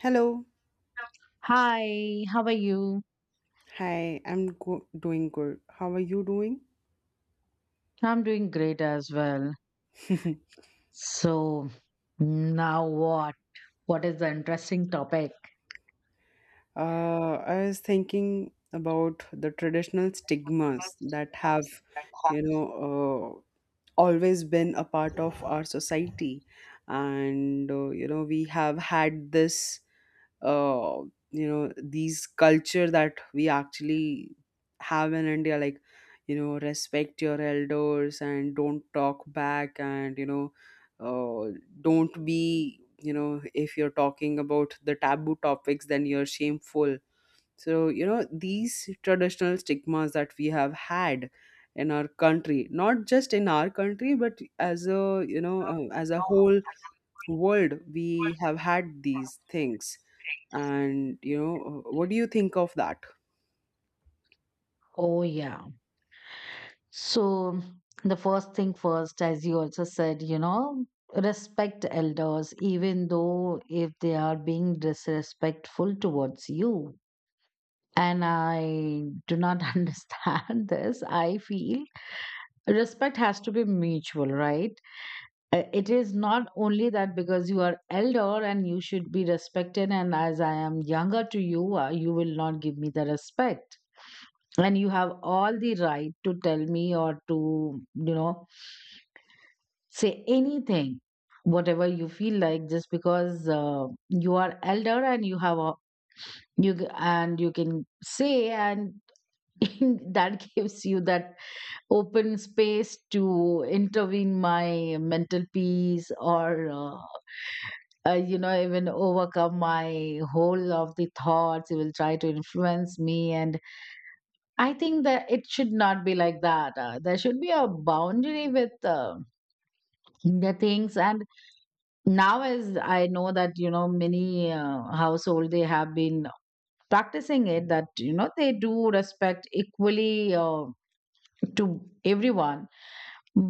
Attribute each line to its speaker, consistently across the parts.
Speaker 1: Hello.
Speaker 2: Hi, how are you?
Speaker 1: Doing good. How are you doing?
Speaker 2: I'm doing great as well. So, now what? What is the interesting topic?
Speaker 1: I was thinking about the traditional stigmas that have, you know, always been a part of our society. And, we have had this uh, these culture that we actually have in india, like, you know, respect your elders and don't talk back. And, uh, don't be, you know, if you're talking about the taboo topics, then you're shameful. So, you know, these traditional stigmas that we have had in our country, not just in our country, but as a, as a whole world, we have had these things. And, what do you think of that?
Speaker 2: Oh, yeah. So, the first thing first, as you also said, you know, respect elders, even though if they are being disrespectful towards you. And I do not understand this. I feel respect has to be mutual, right? It is not only that because you are elder and you should be respected, and as I am younger to you, you will not give me the respect, and you have all the right to tell me or to say anything whatever you feel like just because you are elder and you have a and you can say, and that gives you that open space to intervene my mental peace, or uh, even overcome my whole of the thoughts. It will try to influence me, and I think that it should not be like that. There should be a boundary with the things. And now, as I know that, you know, many household, they have been practicing it, that, they do respect equally to everyone.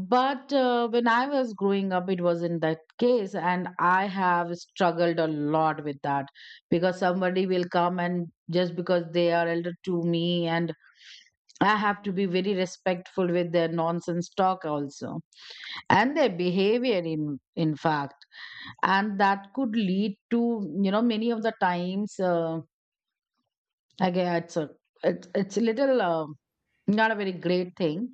Speaker 2: But when I was growing up, it wasn't that case. And I have struggled a lot with that, because somebody will come, and just because they are elder to me, and I have to be very respectful with their nonsense talk also and their behavior, in fact. And that could lead to, many of the times, again, it's a, it's a little not a very great thing.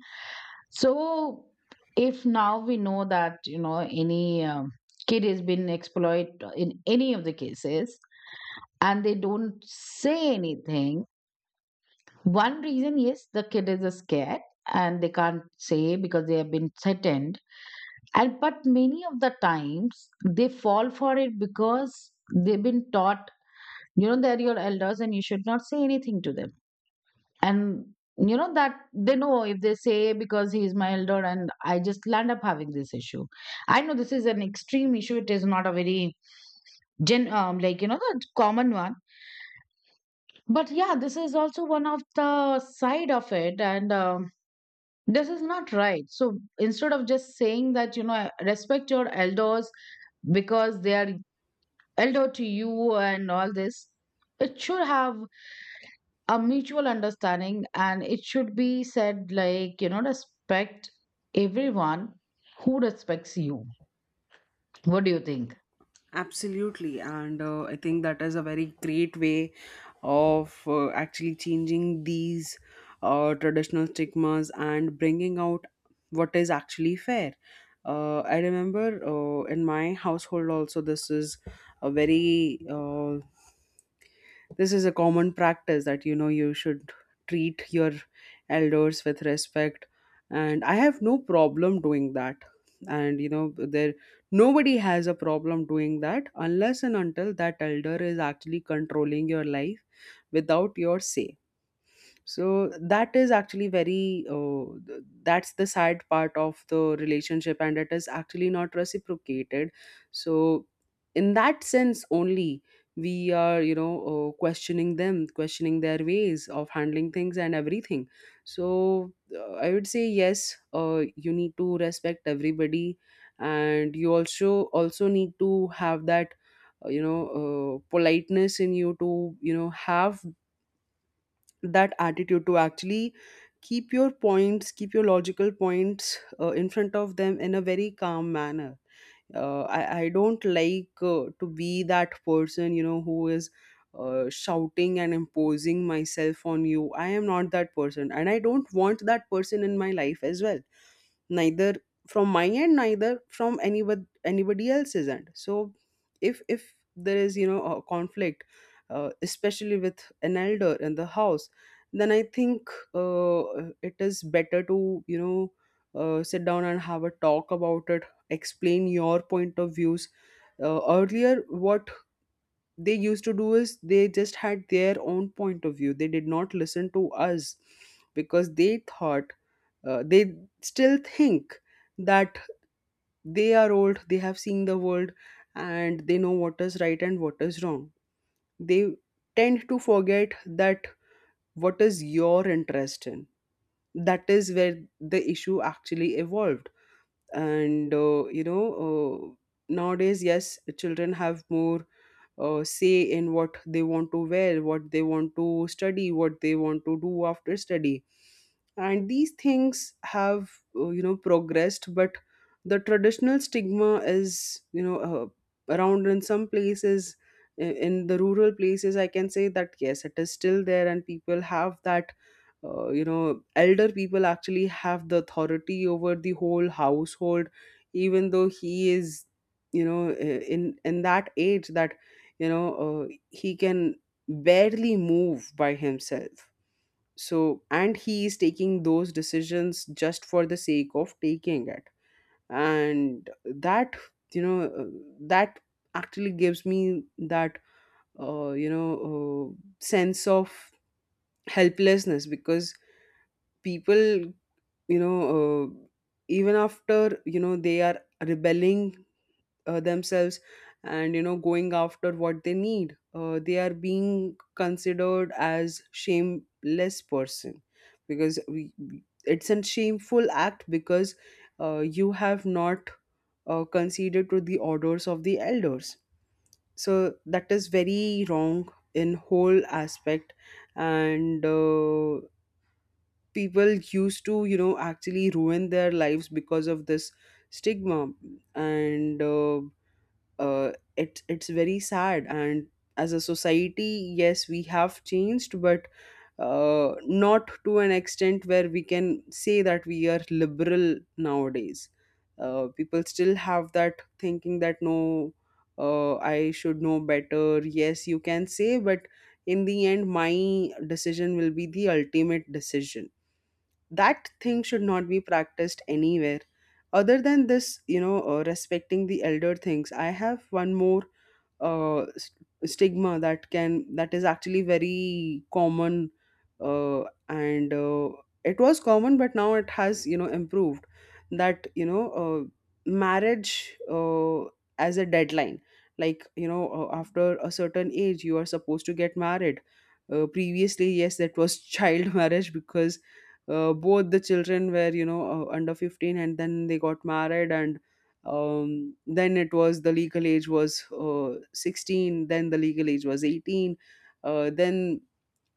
Speaker 2: So, if now we know that, any kid has been exploited in any of the cases, and they don't say anything, one reason, yes, the kid is scared and they can't say because they have been threatened. And but many of the times they fall for it because they've been taught, you know, they're your elders and you should not say anything to them. And you know that they know, if they say, because he is my elder, and I just land up having this issue. I know this is an extreme issue, it is not a very gen like, the common one. But yeah, this is also one of the side of it. And this is not right. So instead of just saying that, you know, respect your elders because they are elder to you and all this, it should have a mutual understanding, and it should be said like, you know, respect everyone who respects you. What do you think?
Speaker 1: Absolutely. And I think that is a very great way of actually changing these traditional stigmas and bringing out what is actually fair. I remember, in my household also, a very uh, this is a common practice that, you know, you should treat your elders with respect, and I have no problem doing that. And, you know, there, nobody has a problem doing that unless and until that elder is actually controlling your life without your say. So that is actually that's the sad part of the relationship, and it is actually not reciprocated. So in that sense only, we are, questioning them, questioning their ways of handling things and everything. So I would say yes, you need to respect everybody. And you also, also need to have that, politeness in you to, you know, have that attitude to actually keep your points, keep your logical points in front of them in a very calm manner. I don't like, to be that person, you know, who is shouting and imposing myself on you. I am not that person, and I don't want that person in my life as well. Neither from my end, neither from anybody else's end. So if there is, you know, a conflict, especially with an elder in the house, then I think it is better to, sit down and have a talk about it, explain your point of views. Earlier, what they used to do is they just had their own point of view. They did not listen to us because they thought, they still think that they are old, they have seen the world, and they know what is right and what is wrong. They tend to forget that what is your interest in, that is where the issue actually evolved. And nowadays, yes, children have more say in what they want to wear, what they want to study, what they want to do after study. And these things have, you know, progressed, but the traditional stigma is, you know, around in some places, in the rural places, I can say that yes, it is still there, and people have that. You know, elder people actually have the authority over the whole household, even though he is, you know, in that age that, he can barely move by himself. So, and he is taking those decisions just for the sake of taking it. And that, you know uh, that actually gives me that, uh, you know uh, sense of helplessness, because people, you know uh, even after, you know, they are rebelling themselves and, you know, going after what they need, they are being considered as shameless person, because it's a shameful act, because you have not conceded to the orders of the elders. So that is very wrong in whole aspect. And, people used to you know actually ruin their lives because of this stigma and it's very sad. And as a society, yes, we have changed, but not to an extent where we can say that we are liberal nowadays. Uh, people still have that thinking that no, I should know better. Yes, you can say, but in the end, my decision will be the ultimate decision. That thing should not be practiced anywhere. Other than this, you know, respecting the elder things, I have one more stigma that can that is actually very common, and it was common, but now it has, you know, improved. That, marriage, as a deadline, like, after a certain age, you are supposed to get married. Uh, previously, yes, that was child marriage because both the children were, under 15, and then they got married. And then it was, the legal age was, 16, then the legal age was 18. Then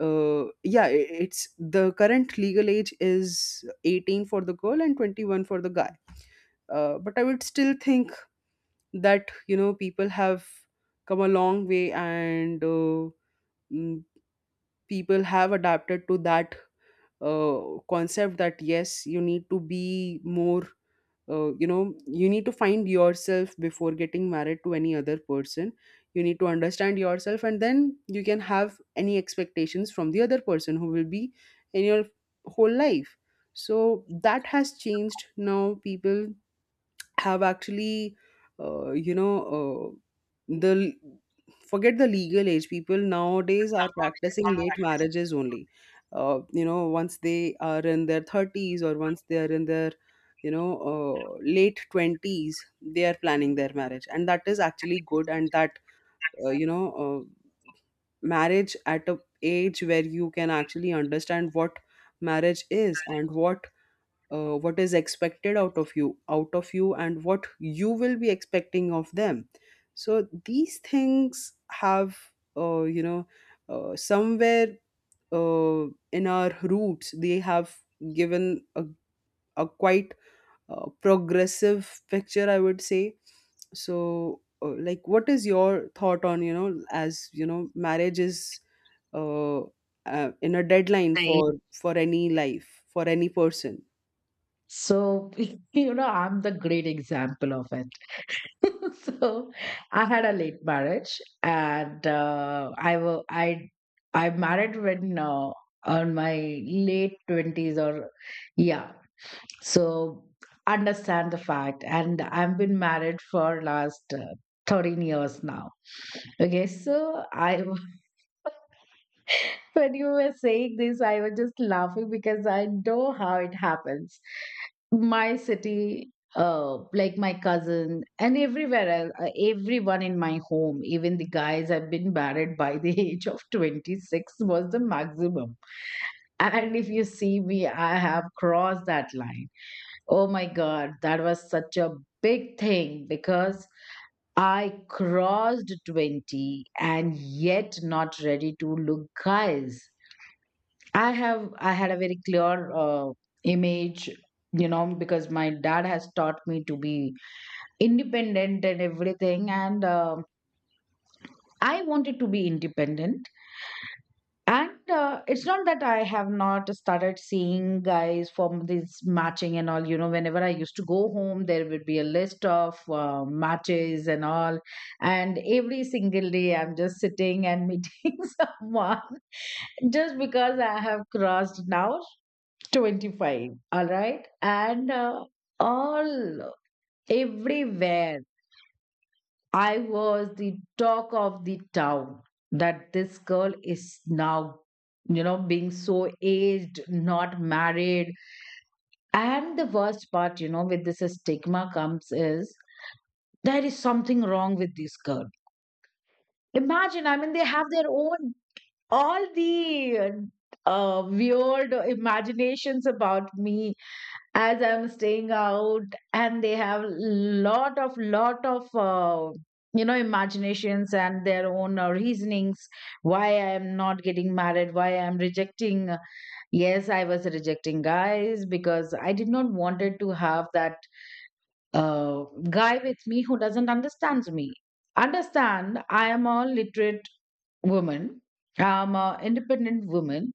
Speaker 1: Yeah, it's, the current legal age is 18 for the girl and 21 for the guy. Uh, but I would still think that, you know, people have come a long way. And, mm, people have adapted to that uh, concept, that yes, you need to be more, you need to find yourself before getting married to any other person. You need to understand yourself, and then you can have any expectations from the other person who will be in your whole life. So that has changed. Now people have actually, you know the forget the legal age, people nowadays are practicing late marriages only. Uh, you know, once they are in their 30s, or once they are in their, you know late 20s, they are planning their marriage. And that is actually good. And that, uh, you know uh, marriage at a age where you can actually understand what marriage is and what, what is expected out of you, and what you will be expecting of them. So these things have, uh, you know somewhere, in our roots, they have given a quite progressive picture, I would say. So like, what is your thought on, you know, as you know, marriage is, uh, in a deadline,
Speaker 2: Right.
Speaker 1: for any life, for any person?
Speaker 2: So you know, I'm the great example of it. So I had a late marriage. And I wa- I married when, on my late 20s, or yeah. So understand the fact, and I've been married for last 13 years now. Okay, so I when you were saying this, I was just laughing because I know how it happens. My city, like my cousin and everywhere else, everyone in my home, even the guys have been married by the age of 26 was the maximum. And if you see me, I have crossed that line. Oh my God, that was such a big thing because I crossed 20 and yet not ready to look guys. I had a very clear image, you know, because my dad has taught me to be independent and everything, and I wanted to be independent. And it's not that I have not started seeing guys from this matching and all. You know, whenever I used to go home, there would be a list of matches and all. And every single day, I'm just sitting and meeting someone just because I have crossed now 25. All right. And all everywhere I was the talk of the town, that this girl is now, you know, being so aged, not married. And the worst part, you know, with this stigma comes is there is something wrong with this girl. Imagine, I mean, they have their own, all the weird imaginations about me, as I'm staying out, and they have lot of imaginations and their own reasonings why I am not getting married, why I am rejecting. Yes, I was rejecting guys because I did not wanted to have that guy with me who doesn't understand me. Understand, I am a literate woman. I'm a independent woman,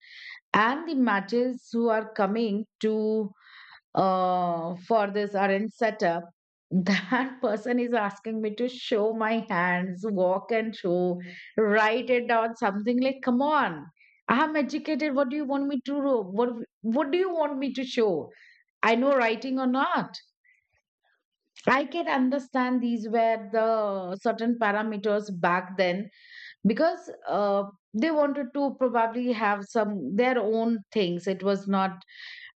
Speaker 2: and the matches who are coming to for this arrange setup, that person is asking me to show my hands, walk and show, write it down, something like, come on, I'm educated. What do you want me to do? What do you want me to show? I know writing or not. I can understand these were the certain parameters back then because they wanted to probably have some their own things. It was not,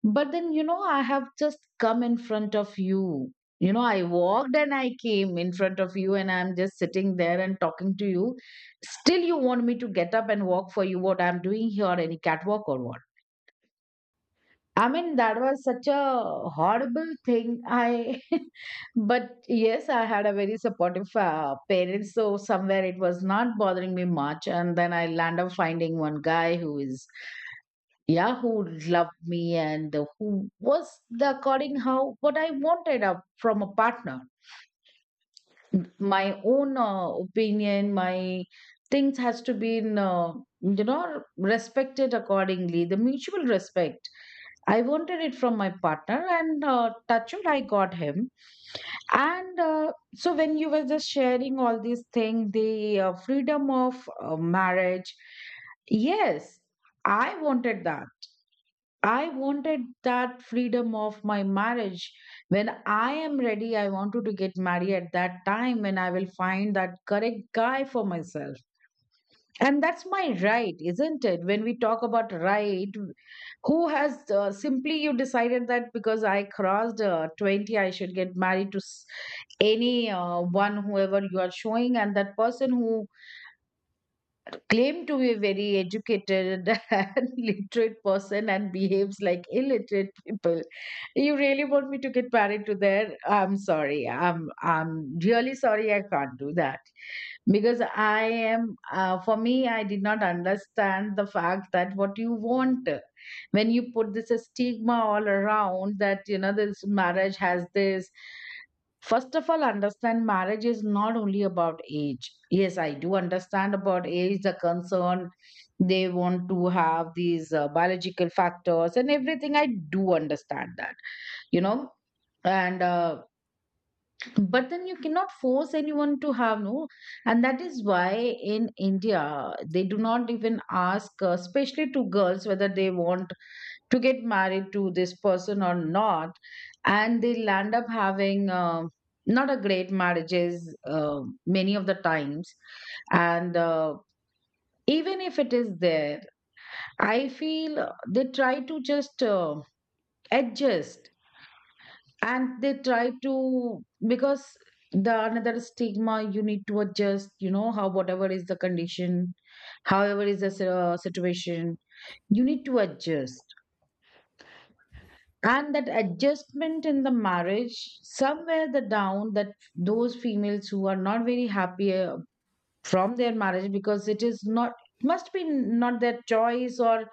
Speaker 2: but then, you know, I have just come in front of you. You know, I walked and I came in front of you, and I'm just sitting there and talking to you. Still, you want me to get up and walk for you, what I'm doing here, any catwalk or what? I mean, that was such a horrible thing. I, but yes, I had a very supportive parents, so somewhere it was not bothering me much. And then I land up finding one guy who is yeah, who loved me and who was the according how what I wanted up from a partner. My own opinion, my things has to be in, respected accordingly, the mutual respect I wanted it from my partner. And touch wood, I got him. And so when you were just sharing all these things, the freedom of marriage, yes, I wanted that. I wanted that freedom of my marriage. When I am ready, I wanted to get married at that time when I will find that correct guy for myself. And that's my right, isn't it? When we talk about right, who has simply you decided that because I crossed 20, I should get married to any one, whoever you are showing, and that person who claim to be a very educated and literate person and behaves like illiterate people. You really want me to get married to there? I'm sorry. I'm really sorry. I can't do that because I am. For me, I did not understand the fact that what you want when you put this stigma all around, that you know this marriage has this. First of all, understand marriage is not only about age. Yes, I do understand about age, the concern they want to have these biological factors and everything. I do understand that, you know. And but then you cannot force anyone to have no, and that is why in India they do not even ask, especially to girls, whether they want to get married to this person or not, and they'll end up having not a great marriages many of the times. And even if it is there, I feel they try to just adjust, and they try to, because the another stigma, you need to adjust, you know, how whatever is the condition, however is the situation, you need to adjust. And that adjustment in the marriage, somewhere the down, that those females who are not very happy from their marriage, because it is not, it must be not their choice, or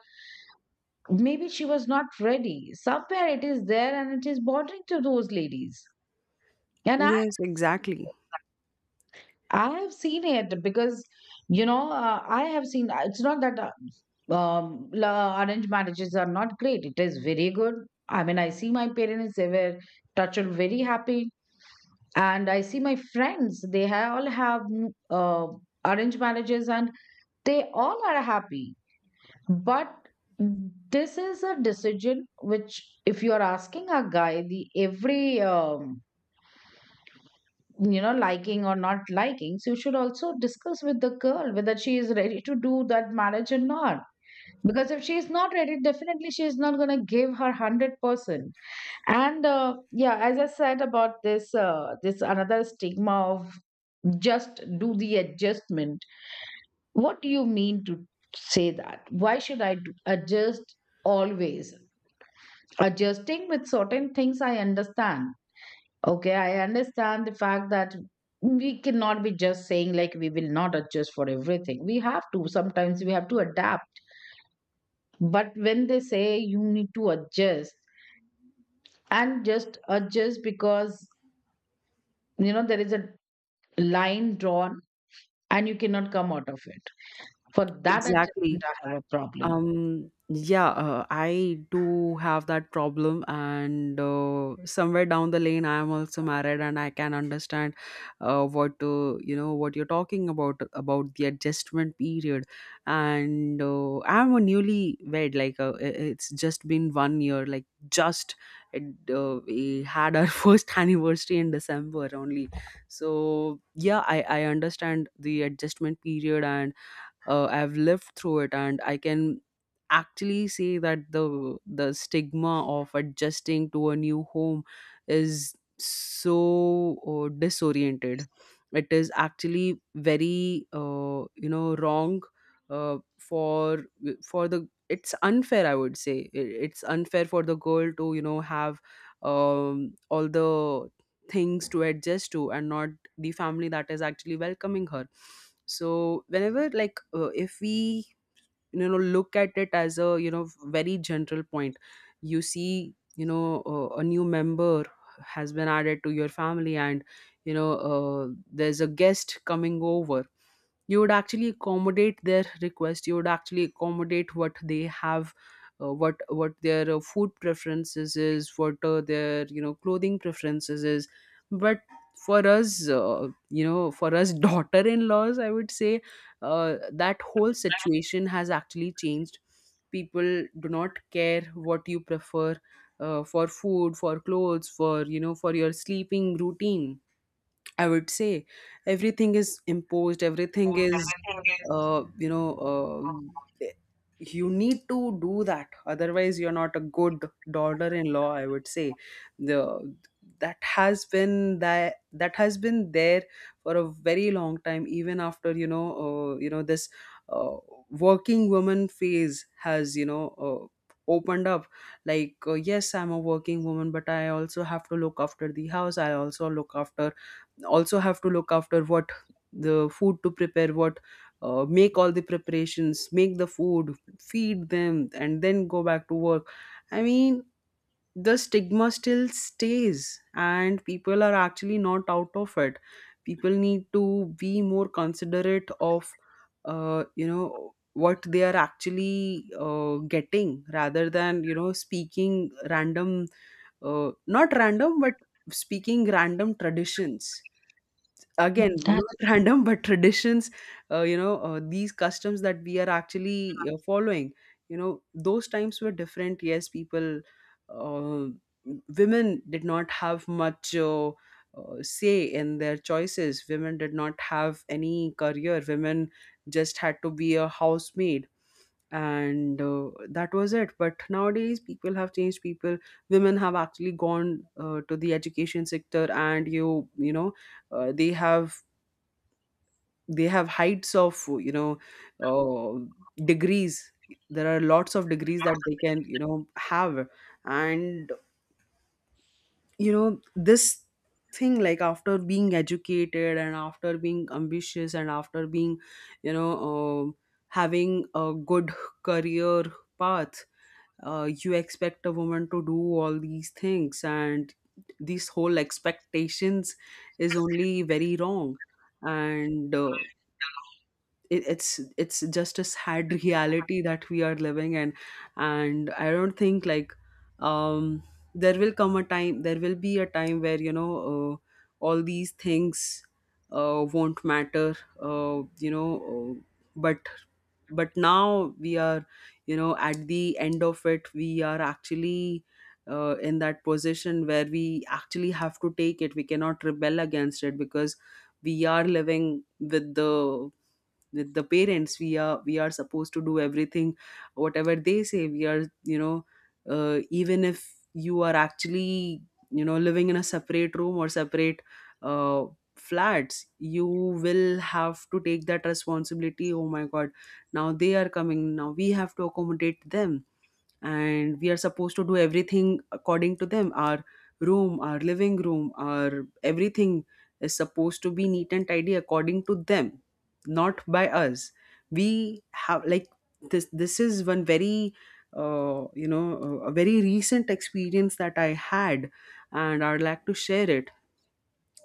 Speaker 2: maybe she was not ready, somewhere it is there and it is bothering to those ladies. And i
Speaker 1: Yes, exactly.
Speaker 2: i have seen it because, you know, I have seen, it's not that arranged marriages are not great, it is very good. I mean, I see my parents, they were touched very happy. And I see my friends, all have uh, arranged marriages, and they all are happy. But this is a decision which, if you are asking a guy the every liking or not liking, so you should also discuss with the girl whether she is ready to do that marriage or not. Because if she is not ready, definitely she is not going to give her 100%. And yeah, as I said about this this another stigma of just do the adjustment. What do you mean to say that why should I adjust always? Adjusting with certain things, I understand. Okay, I understand the fact that we cannot be just saying like we will not adjust for everything. We have to, sometimes we have to adapt. But when they say you need to adjust, and just adjust because you know there is a line drawn and you cannot come out of it. For that adjustment,
Speaker 1: Exactly.
Speaker 2: I have a problem.
Speaker 1: Yeah, I do have that problem, and somewhere down the lane, I am also married, and I can understand what you know, what you're talking about the adjustment period. And I'm a newly wed, like it's just been 1 year, it, we had our first anniversary in December only. So yeah, I understand the adjustment period. And I've lived through it, and I can actually say that the stigma of adjusting to a new home is so disoriented. It is actually very, wrong uh, for for the it's unfair, I would say. It's unfair for the girl to, you know, have all the things to adjust to, and not the family that is actually welcoming her. So whenever, like, if we, you know, look at it as a, you know, very general point, you see, you know, a new member has been added to your family. And, there's a guest coming over, you would actually accommodate their request, you would actually accommodate what they have, what their food preferences is, what, their, you know, clothing preferences is. But for us, for us daughter-in-laws, I would say, that whole situation has actually changed. People do not care what you prefer, for food, for clothes, for, you know, for your sleeping routine. I would say everything is imposed, everything is, uh, you know, uh, eh, you need to do that. Otherwise, you're not a good daughter-in-law. I would say the that has been, that has been there for a very long time, even after, you know, this uh, working woman phase has, you know. Opened up, like, yes, I'm a working woman, but I also have to look after the house, I also look after, also have to look after what, the food to prepare, what, make all the preparations, make the food, feed them, and then go back to work. I mean, the stigma still stays and people are actually not out of it. People need to be more considerate of what they are actually getting, rather than, speaking random, not random but, speaking random traditions. Again,
Speaker 2: That's
Speaker 1: not random but traditions. These customs that we are actually following, you know, those times were different, yes. People, uh, women did not have much say in their choices. Women did not have any career. Women just had to be a housemaid, and that was it. But nowadays people have changed. People, women have actually gone to the education sector, and you know, they have, they have heights of, you know, uh, degrees. There are lots of degrees that they can, you know, have. And, you know, this thing, like, after being educated and after being ambitious and after being, you know uh, having a good career path, you expect a woman to do all these things, and these whole expectations is only very wrong. And it's just a sad reality that we are living in. And I don't think, like, um there will come a time, there will be a time where, all these things won't matter. uh, you know uh, but but now we are, you know, at the end of it, we are actually in that position where we actually have to take it. We cannot rebel against it because we are living with the, with the parents. We are supposed to do everything, whatever they say. We are you know Even if you are actually, living in a separate room or separate uh, flats, you will have to take that responsibility. Oh my god, now they are coming, now we have to accommodate them. And we are supposed to do everything according to them. Our room, our living room, our everything is supposed to be neat and tidy according to them, not by us. We have, like, this is one very, a very recent experience that I had, and I'd like to share it.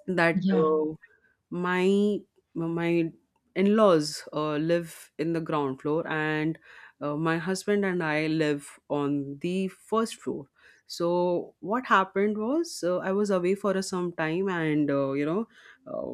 Speaker 1: That,
Speaker 2: yeah.
Speaker 1: my my in-laws live in the ground floor, and my husband and I live on the first floor. So what happened was, I was away for a some time, and, uh,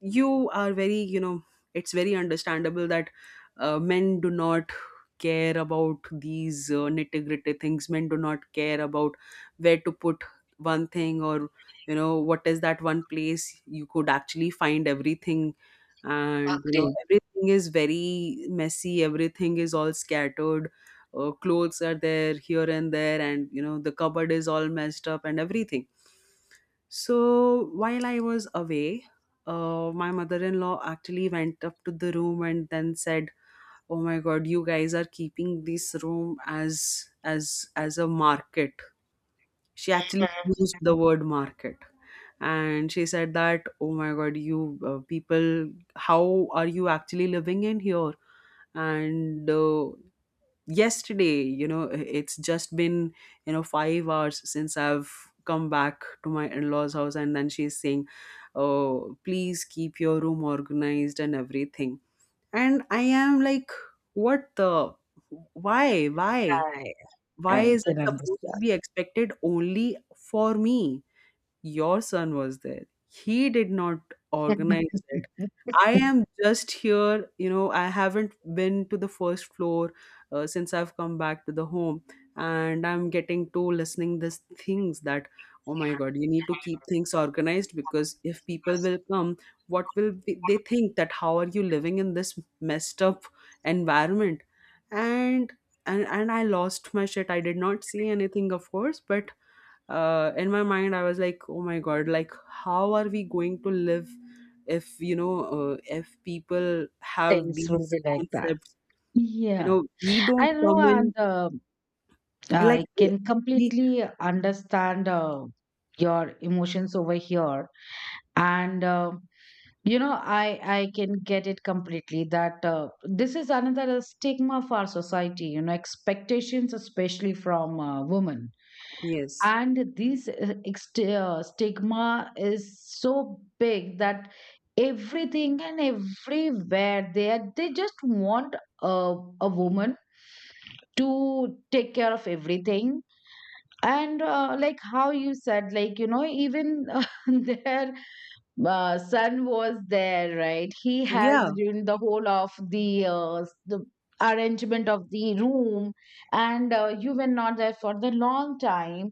Speaker 1: you are very, you know, it's very understandable that men do not care about these nitty-gritty things. Men do not care about where to put one thing, or, you know, what is that one place you could actually find everything, and, you know,
Speaker 2: Agree.
Speaker 1: everything is very messy, everything is all scattered. Clothes are there, here and there, and, you know, the cupboard is all messed up and everything. So while I was away, my mother-in-law actually went up to the room and then said, "Oh my god, you guys are keeping this room as as a market." She actually used
Speaker 2: Mhm.
Speaker 1: the word market. And she said that, "Oh my god, you, people, how are you actually living in here?" And yesterday, you know, it's just been, you know, 5 hours since I've come back to my in-laws house, and then she's saying, "Oh please, keep your room organized and everything." And I am like, what the, why,
Speaker 2: I
Speaker 1: why
Speaker 2: I
Speaker 1: is it
Speaker 2: can
Speaker 1: supposed to
Speaker 2: understand.
Speaker 1: be expected only for me? Your son was there, he did not organize it. I am just here, you know, I haven't been to the first floor since I've come back to the home, and I'm getting to listening this things that, "Oh my god, you need to keep things organized, because if people will come, what will be, they think that how are you living in this messed up environment?" And and I lost my shit. I did not see anything, of course, but in my mind I was like, "Oh my god, like, how are we going to live if, if people have
Speaker 2: Things will
Speaker 1: these
Speaker 2: be like that.
Speaker 1: concepts?" You
Speaker 2: Yeah,
Speaker 1: know, we don't
Speaker 2: I know,
Speaker 1: come in,
Speaker 2: and
Speaker 1: like,
Speaker 2: I can
Speaker 1: we,
Speaker 2: completely understand your emotions over here. And you know, i I can get it completely that this is another stigma for our society, you know, expectations especially from women.
Speaker 1: yes,
Speaker 2: And these stigma is so big that everything and everywhere they are, they just want a, a woman to take care of everything. And like how you said, like, you know, even there son was there, right? He has
Speaker 1: yeah,
Speaker 2: done the whole of the the arrangement of the room, and you were not there for the long time.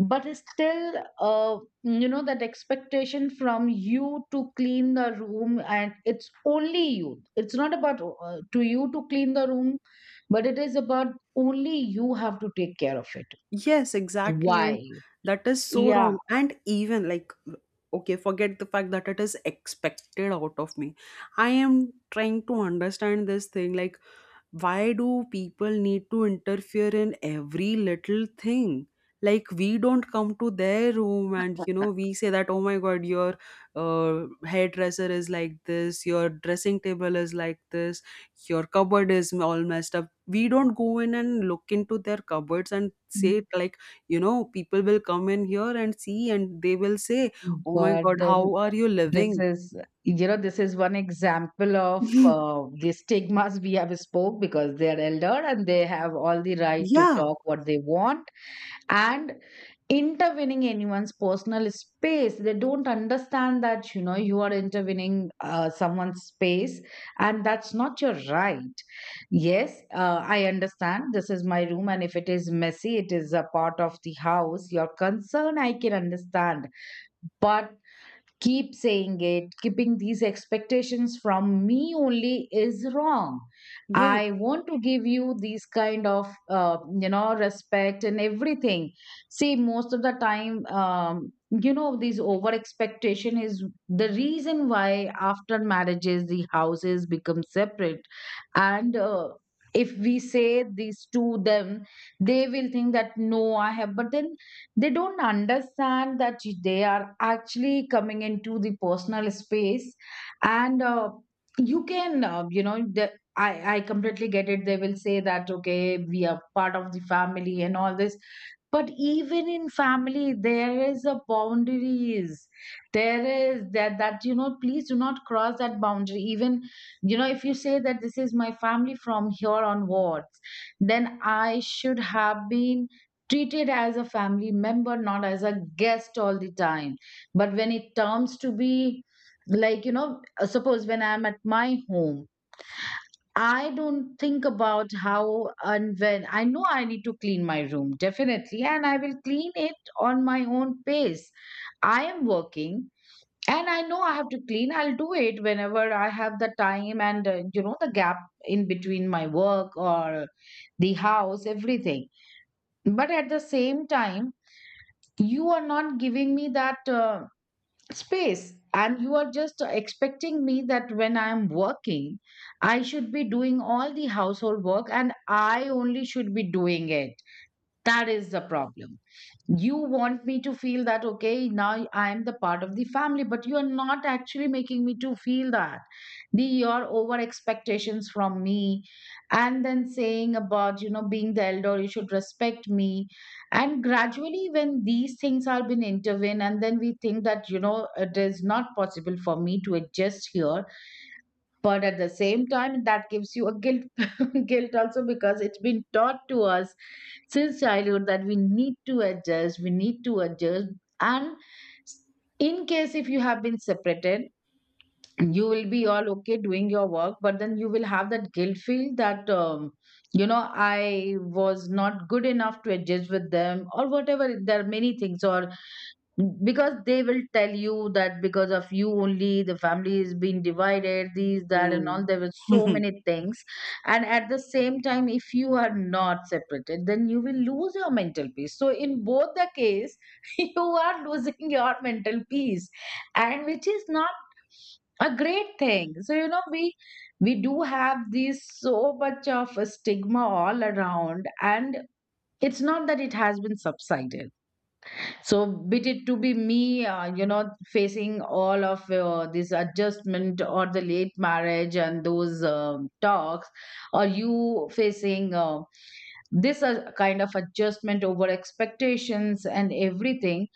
Speaker 2: But it's still, you know, that expectation from you to clean the room, and it's only you. It's not about to you to clean the room, but it is about only you have to take care of it.
Speaker 1: yes, exactly. And
Speaker 2: Why?
Speaker 1: that is so
Speaker 2: Yeah,
Speaker 1: wrong. And even, like, okay, forget the fact that it is expected out of me. I am trying to understand this thing, like, why do people need to interfere in every little thing? Like, we don't come to their room and, you know, we say that, "Oh my god, your hairdresser is like this, your dressing table is like this, your cupboard is all messed up." We don't go in and look into their cupboards and say, like, you know, people will come in here and see and they will say, "Oh my
Speaker 2: but
Speaker 1: god,
Speaker 2: then
Speaker 1: how are you
Speaker 2: this
Speaker 1: living?"
Speaker 2: is, you know, this is one example of the stigmas we have spoke because they are elder and they have all the right to
Speaker 1: Yeah,
Speaker 2: talk what they want and intervening anyone's personal space. They don't understand that, you know, you are intervening someone's space, and that's not your right. Yes, I understand. This is my room and if it is messy, it is a part of the house. Your concern, I can understand. But keep saying it, keeping these expectations from me only is wrong.
Speaker 1: yes.
Speaker 2: I want to give you these kind of you know, respect and everything. See, most of the time, you know, these over expectation is the reason why after marriages the houses become separate. And if we say this to them, they will think that no I have, but then they don't understand that they are actually coming into the personal space. And you can you know, I completely get it. They will say that okay, we are part of the family and all this, but even in family there is a boundaries. There is that that, you know, please do not cross that boundary. Even, you know, if you say that this is my family from here onwards, then I should have been treated as a family member, not as a guest all the time. But when it turns to be like, you know, suppose when I'm at my home, I don't think about how and when. I know I need to clean my room, definitely, and I will clean it on my own pace. I am working and I know I have to clean. I'll do it whenever I have the time and, you know, the gap in between my work or the house, everything. But at the same time, you are not giving me that space, and you are just expecting me that when I am working, I should be doing all the household work and I only should be doing it. That is the problem. You want me to feel that okay, now I am the part of the family, but you are not actually making me to feel that the your over expectations from me, and then saying about, you know, being the elder you should respect me. And gradually when these things are been intervened, and then we think that you know, it is not possible for me to adjust here. But at the same time, that gives you a guilt, guilt also, because it's been taught to us since childhood that we need to adjust, we need to adjust. And in case if you have been separated, you will be all okay doing your work, but then you will have that guilt feel that you know, I was not good enough to adjust with them or whatever. There are many things, or because they will tell you that because of you only the family is being divided, these that and
Speaker 1: Mm.
Speaker 2: all. There were so many things. And at the same time, if you are not separated, then you will lose your mental peace. So in both the case, you are losing your mental peace, and which is not a great thing. So you know, we do have these so much of a stigma all around, and it's not that it has been subsided. So be it to be me, you know, facing all of this adjustment or the late marriage and those talks, or you facing this kind of adjustment, over expectations and everything.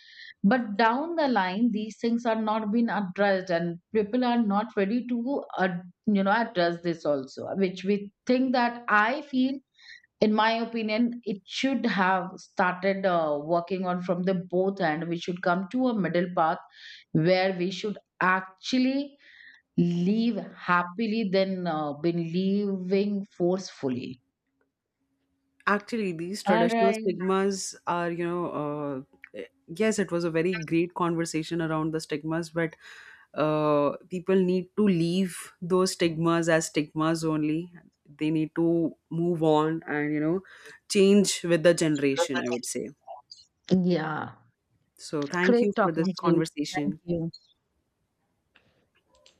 Speaker 2: But down the line, these things are not being addressed, and people are not ready to, you know, address this also, which we think that I feel, in my opinion, it should have started working on from the both end. We should come to a middle path where we should actually live happily than been living forcefully.
Speaker 1: Actually, these
Speaker 2: All
Speaker 1: traditional
Speaker 2: right.
Speaker 1: stigmas are, you know, yes, it was a very great conversation around the stigmas, but people need to leave those stigmas as stigmas only. They need to move on and, you know, change with the generation, I would say.
Speaker 2: Yeah,
Speaker 1: So, thank
Speaker 2: great
Speaker 1: you for
Speaker 2: talking
Speaker 1: this
Speaker 2: to you. Thank
Speaker 1: conversation.
Speaker 2: you.